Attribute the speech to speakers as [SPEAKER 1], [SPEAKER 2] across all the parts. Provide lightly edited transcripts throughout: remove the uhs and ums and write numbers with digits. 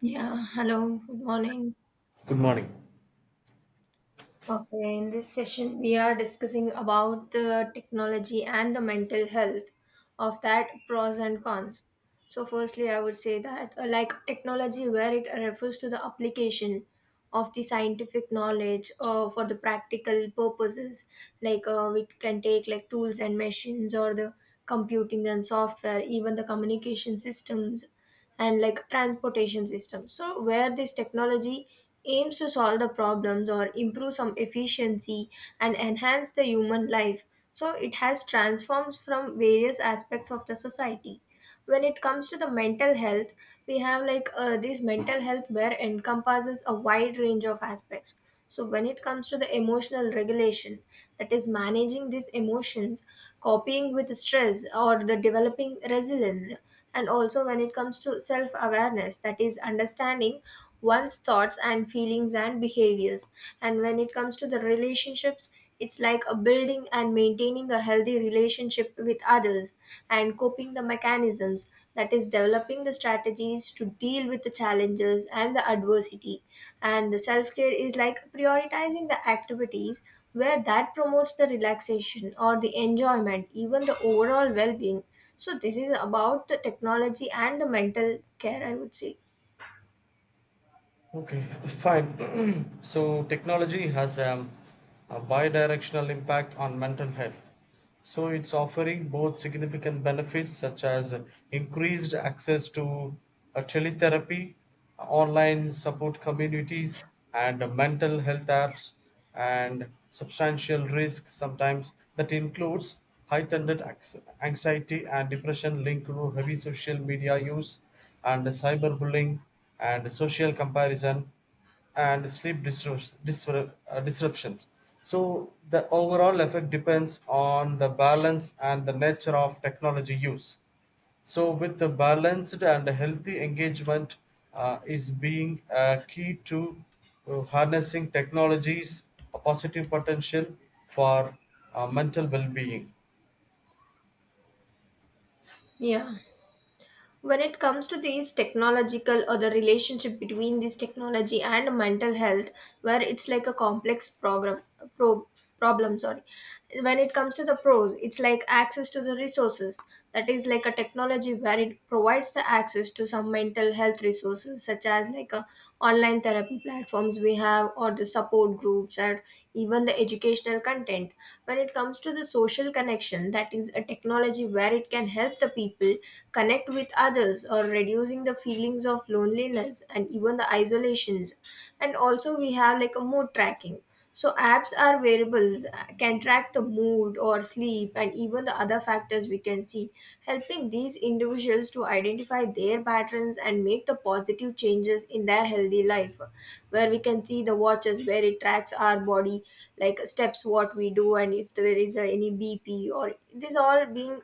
[SPEAKER 1] Yeah, hello, good morning.
[SPEAKER 2] Good morning.
[SPEAKER 1] Okay, in this session, we are discussing about the technology and the mental health of that pros and cons. So, firstly, I would say that, like technology, where it refers to the application of the scientific knowledge for the practical purposes, like it can take like tools and machines or the computing and software, even the communication systems and like transportation system. So, where this technology aims to solve the problems or improve some efficiency and enhance the human life, so it has transformed from various aspects of the society. When it comes to the mental health, we have like this mental health where encompasses a wide range of aspects. So, when it comes to the emotional regulation, that is managing these emotions, coping with stress, or the developing resilience, and also when it comes to self awareness, that is understanding one's thoughts and feelings and behaviors, and when it comes to the relationships, it's like a building and maintaining a healthy relationship with others and coping the mechanisms that is developing the strategies to deal with the challenges and the adversity. And the self-care is like prioritizing the activities where that promotes the relaxation or the enjoyment, even the overall well-being. So this is about the technology and the mental care, I would say.
[SPEAKER 2] Okay. Fine. So technology has a bidirectional impact on mental health. So it's offering both significant benefits such as increased access to teletherapy, online support communities, and mental health apps, and substantial risk sometimes that includes heightened anxiety and depression linked to heavy social media use and cyberbullying and social comparison and sleep disruptions. So the overall effect depends on the balance and the nature of technology use. So with the balanced and healthy engagement, is being a key to harnessing technologies a positive potential for mental well-being.
[SPEAKER 1] Yeah. When it comes to these technological or the relationship between this technology and mental health, where it's like a complex program, pro, problem, sorry. When it comes to the pros, it's like access to the resources, that is like a technology where it provides the access to some mental health resources such as like a online therapy platforms we have or the support groups and even the educational content. When it comes to the social connection, that is a technology where it can help the people connect with others or reducing the feelings of loneliness and even the isolations. And also we have like a mood tracking. So apps are variables, can track the mood or sleep and even the other factors we can see, helping these individuals to identify their patterns and make the positive changes in their healthy life, where we can see the watches where it tracks our body, like steps what we do, and if there is any bp or this all being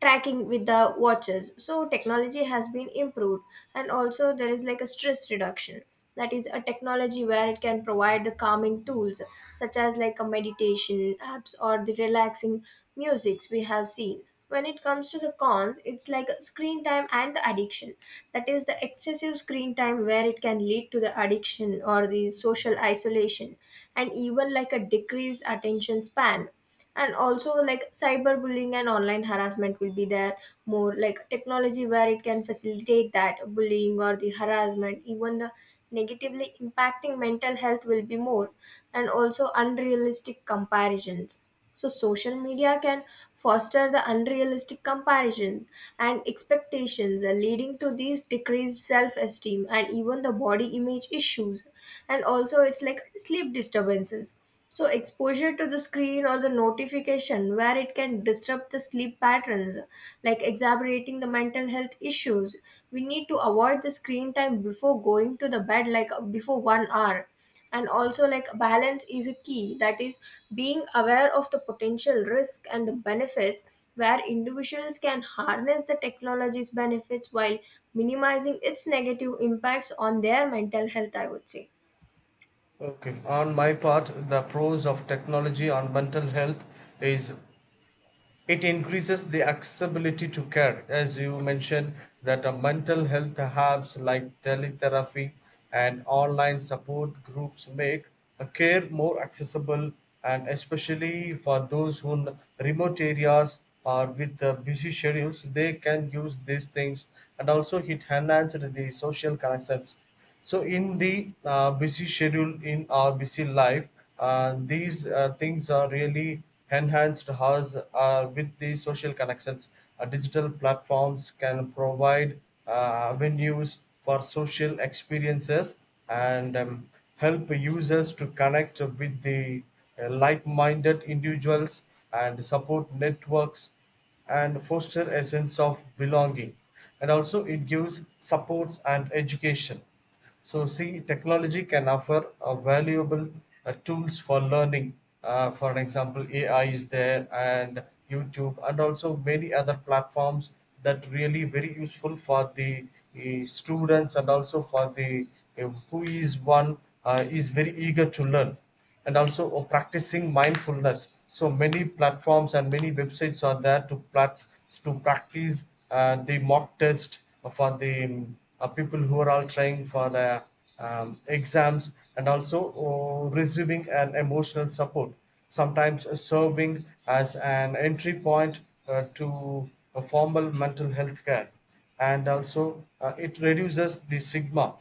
[SPEAKER 1] tracking with the watches, so technology has been improved. And also there is like a stress reduction, that is a technology where it can provide the calming tools such as like a meditation apps or the relaxing musics we have seen. When it comes to the cons, it's like screen time and the addiction, that is the excessive screen time where it can lead to the addiction or the social isolation and even like a decreased attention span. And also like cyberbullying and online harassment will be there more, like technology where it can facilitate that bullying or the harassment, even the negatively impacting mental health will be more. And also unrealistic comparisons, so social media can foster the unrealistic comparisons and expectations, leading to these decreased self-esteem and even the body image issues. And also it's like sleep disturbances, so exposure to the screen or the notification where it can disrupt the sleep patterns, like exacerbating the mental health issues. We need to avoid the screen time before going to the bed, like before 1 hour. And also, like balance is a key, that is being aware of the potential risk and the benefits where individuals can harness the technology's benefits while minimizing its negative impacts on their mental health, I would say.
[SPEAKER 2] Okay, on my part, the pros of technology on mental health is it increases the accessibility to care. As you mentioned, that a mental health apps like teletherapy and online support groups make a care more accessible, and especially for those who in remote areas or with busy schedules, they can use these things. And also it enhanced the social connections. So in the busy schedule, in our busy life, these things are really enhanced us with the social connections. Digital platforms can provide avenues for social experiences, and help users to connect with the like-minded individuals and support networks and foster a sense of belonging. And also it gives supports and education. So see, technology can offer a valuable tools for learning. For an example, AI is there, and YouTube, and also many other platforms that really very useful for the students, and also for the who is one is very eager to learn. And also practicing mindfulness, so many platforms and many websites are there to to practice the mock test for the people who are all trying for the exams. And also receiving an emotional support sometimes, serving as an entry point to a formal mental health care. And also it reduces the stigma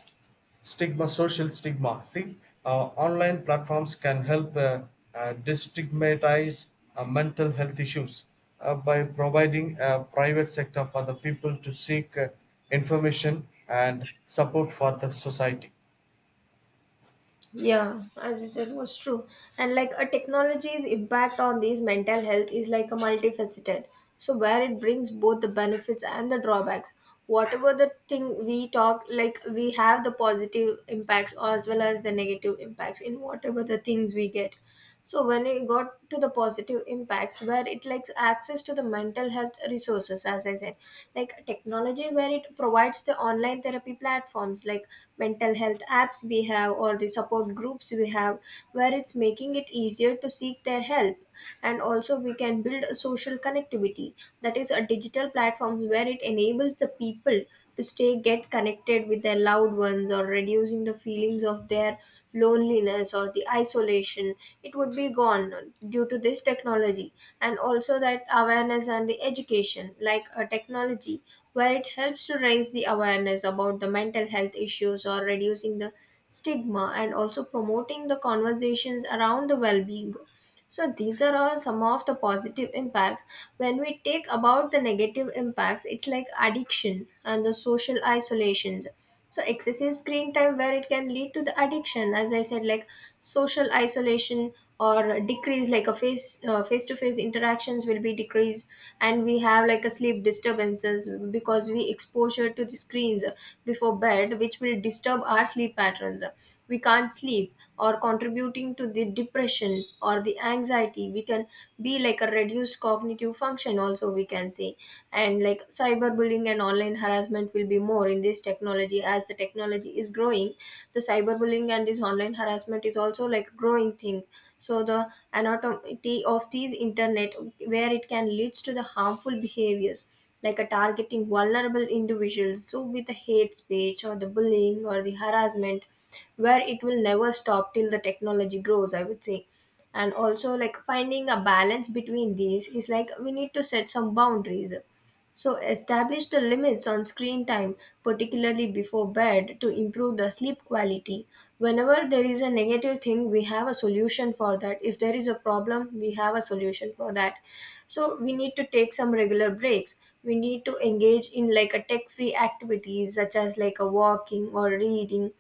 [SPEAKER 2] stigma social stigma. See, online platforms can help destigmatize mental health issues by providing a private sector for the people to seek information and support for the society.
[SPEAKER 1] Yeah, as you said, was true. And like a technology's impact on these mental health is like a multifaceted. So where it brings both the benefits and the drawbacks. Whatever the thing we talk, like we have the positive impacts as well as the negative impacts in whatever the things we get. So when it got to the positive impacts, where it likes access to the mental health resources, as I said, like technology where it provides the online therapy platforms like mental health apps we have or the support groups we have, where it's making it easier to seek their help. And also we can build a social connectivity, that is a digital platform where it enables the people to stay get connected with their loved ones or reducing the feelings of their loneliness or the isolation, it would be gone due to this technology. And also that awareness and the education, like a technology where it helps to raise the awareness about the mental health issues or reducing the stigma and also promoting the conversations around the well-being. So these are all some of the positive impacts. When we take about the negative impacts, it's like addiction and the social isolations. So excessive screen time where it can lead to the addiction, as I said, like social isolation or decrease, like a face-to-face interactions will be decreased. And we have like a sleep disturbances because we exposure to the screens before bed, which will disturb our sleep patterns, we can't sleep, or contributing to the depression or the anxiety, we can be like a reduced cognitive function also, we can say. And like cyberbullying and online harassment will be more in this technology. As the technology is growing, the cyberbullying and this online harassment is also like growing thing. So the anatomy of these internet, where it can lead to the harmful behaviors, like a targeting vulnerable individuals, so with the hate speech or the bullying or the harassment, where it will never stop till the technology grows, I would say. And also, like finding a balance between these is like we need to set some boundaries, so establish the limits on screen time, particularly before bed, to improve the sleep quality. Whenever there is a negative thing we have a solution for that, if there is a problem we have a solution for that. So we need to take some regular breaks, we need to engage in like a tech free activities such as like a walking or reading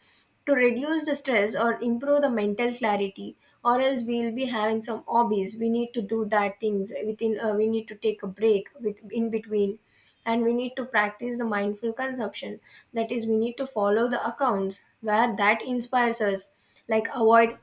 [SPEAKER 1] to reduce the stress or improve the mental clarity. Or else we'll be having some hobbies, we need to do that things within, we need to take a break with in between. And we need to practice the mindful consumption, that is we need to follow the accounts where that inspires us, like avoid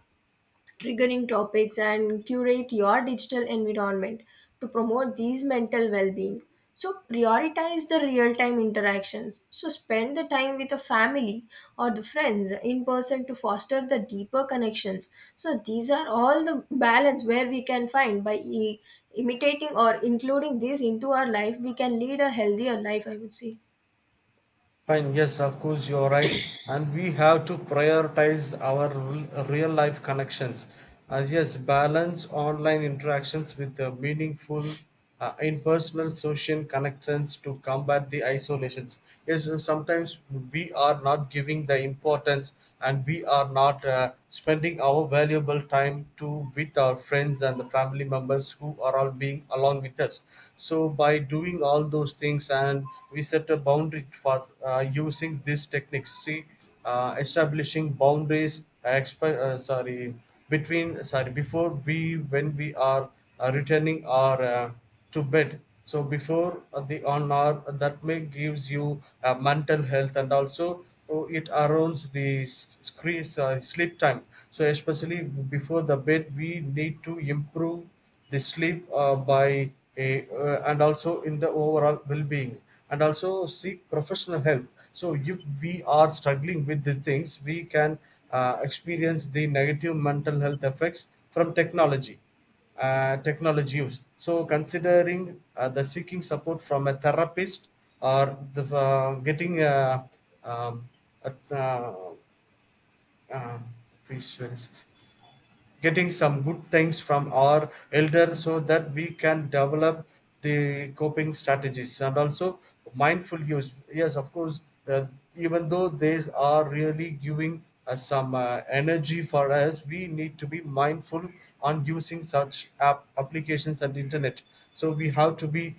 [SPEAKER 1] triggering topics, and curate your digital environment to promote these mental well being. So, prioritize the real time interactions. So, spend the time with the family or the friends in person to foster the deeper connections. So, these are all the balance where we can find by imitating or including this into our life, we can lead a healthier life, I would say.
[SPEAKER 2] Fine, yes, of course, you're right. And we have to prioritize our real life connections. Yes, balance online interactions with the meaningful impersonal social connections to combat the isolations. Yes, sometimes we are not giving the importance, and we are not spending our valuable time to with our friends and the family members who are all being along with us. So by doing all those things, and we set a boundary for using these techniques. See, establishing boundaries, sorry, between sorry before we, when we are returning our to bed, so before the on hour, that may gives you mental health, and also oh, it arounds the screen sleep time. So especially before the bed, we need to improve the sleep by and also in the overall well-being. And also seek professional help. So if we are struggling with the things, we can experience the negative mental health effects from technology use. So considering the seeking support from a therapist or the getting um, a uh, please, where is this? Getting some good things from our elder, so that we can develop the coping strategies. And also mindful use, yes of course. uh, Even though these are really giving us some energy for us, we need to be mindful on using such applications and internet. So we have to be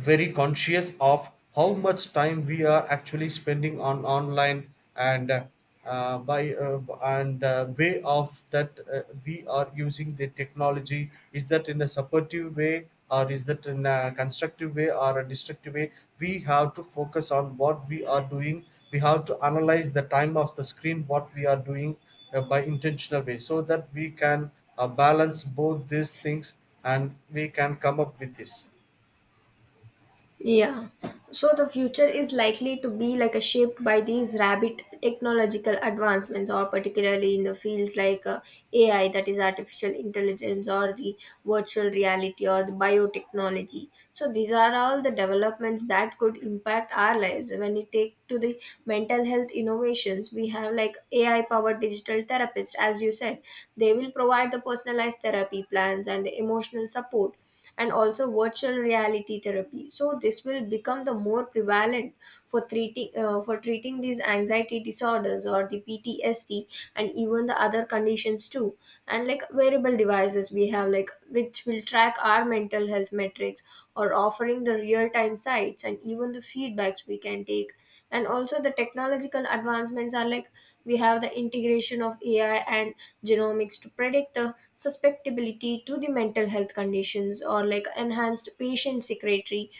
[SPEAKER 2] very conscious of how much time we are actually spending on online. And by and Way of that, we are using the technology. Is that in a supportive way, or is that in a constructive way or a destructive way? We have to focus on what we are doing. We have to analyze the time of the screen what we are doing, by intentional way, so that we can balance both these things, and we can come up with this.
[SPEAKER 1] Yeah. So the future is likely to be like a shaped by these rapid technological advancements, or particularly in the fields like AI, that is artificial intelligence, or the virtual reality, or the biotechnology. So these are all the developments that could impact our lives. When we take to the mental health innovations, we have like AI powered digital therapists, as you said, they will provide the personalized therapy plans and the emotional support. And also virtual reality therapy, so this will become the more prevalent for treating, for treating these anxiety disorders or the PTSD and even the other conditions too. And like wearable devices we have like, which will track our mental health metrics or offering the real time sites and even the feedbacks we can take. And also the technological advancements are like we have the integration of AI and genomics to predict the susceptibility to the mental health conditions, or like enhanced patient secretary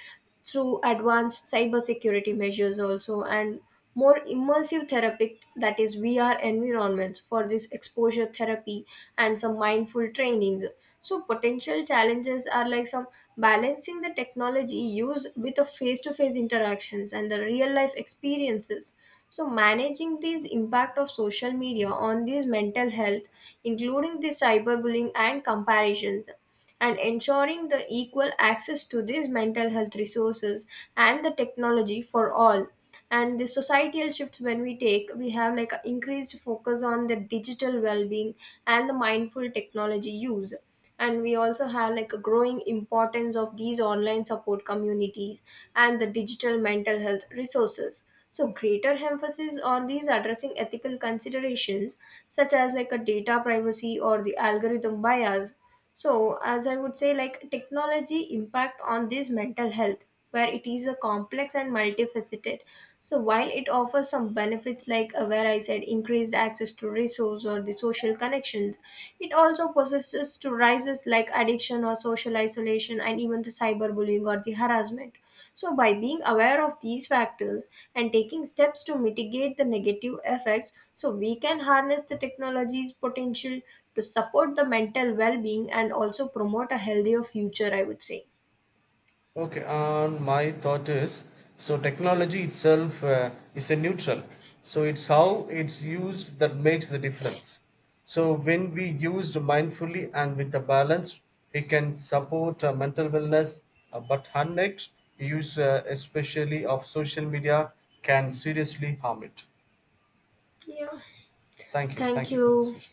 [SPEAKER 1] through advanced cybersecurity measures also, and more immersive therapy, that is VR environments for this exposure therapy and some mindful trainings. So potential challenges are like some balancing the technology use with the face-to-face interactions and the real-life experiences. So managing these impact of social media on these mental health, including the cyberbullying and comparisons, and ensuring the equal access to these mental health resources and the technology for all. And the societal shifts, when we take, we have like an increased focus on the digital well-being and the mindful technology use. And we also have like a growing importance of these online support communities and the digital mental health resources. So greater emphasis on these addressing ethical considerations such as like a data privacy or the algorithm bias. So, as I would say, like technology impact on this mental health, where it is a complex and multifaceted. So, while it offers some benefits, like where I said, increased access to resource or the social connections, it also possesses to rises like addiction or social isolation and even the cyberbullying or the harassment. So, by being aware of these factors and taking steps to mitigate the negative effects, so we can harness the technology's potential to support the mental well being and also promote a healthier future, I would say.
[SPEAKER 2] Okay, and my thought is, so technology itself is a neutral. So it's how it's used that makes the difference. So when we used mindfully and with a balance, it can support mental wellness. But unchecked use, especially of social media, can seriously harm it.
[SPEAKER 1] Yeah.
[SPEAKER 2] Thank you.
[SPEAKER 1] Thank
[SPEAKER 2] Thank you for the
[SPEAKER 1] you.
[SPEAKER 2] session.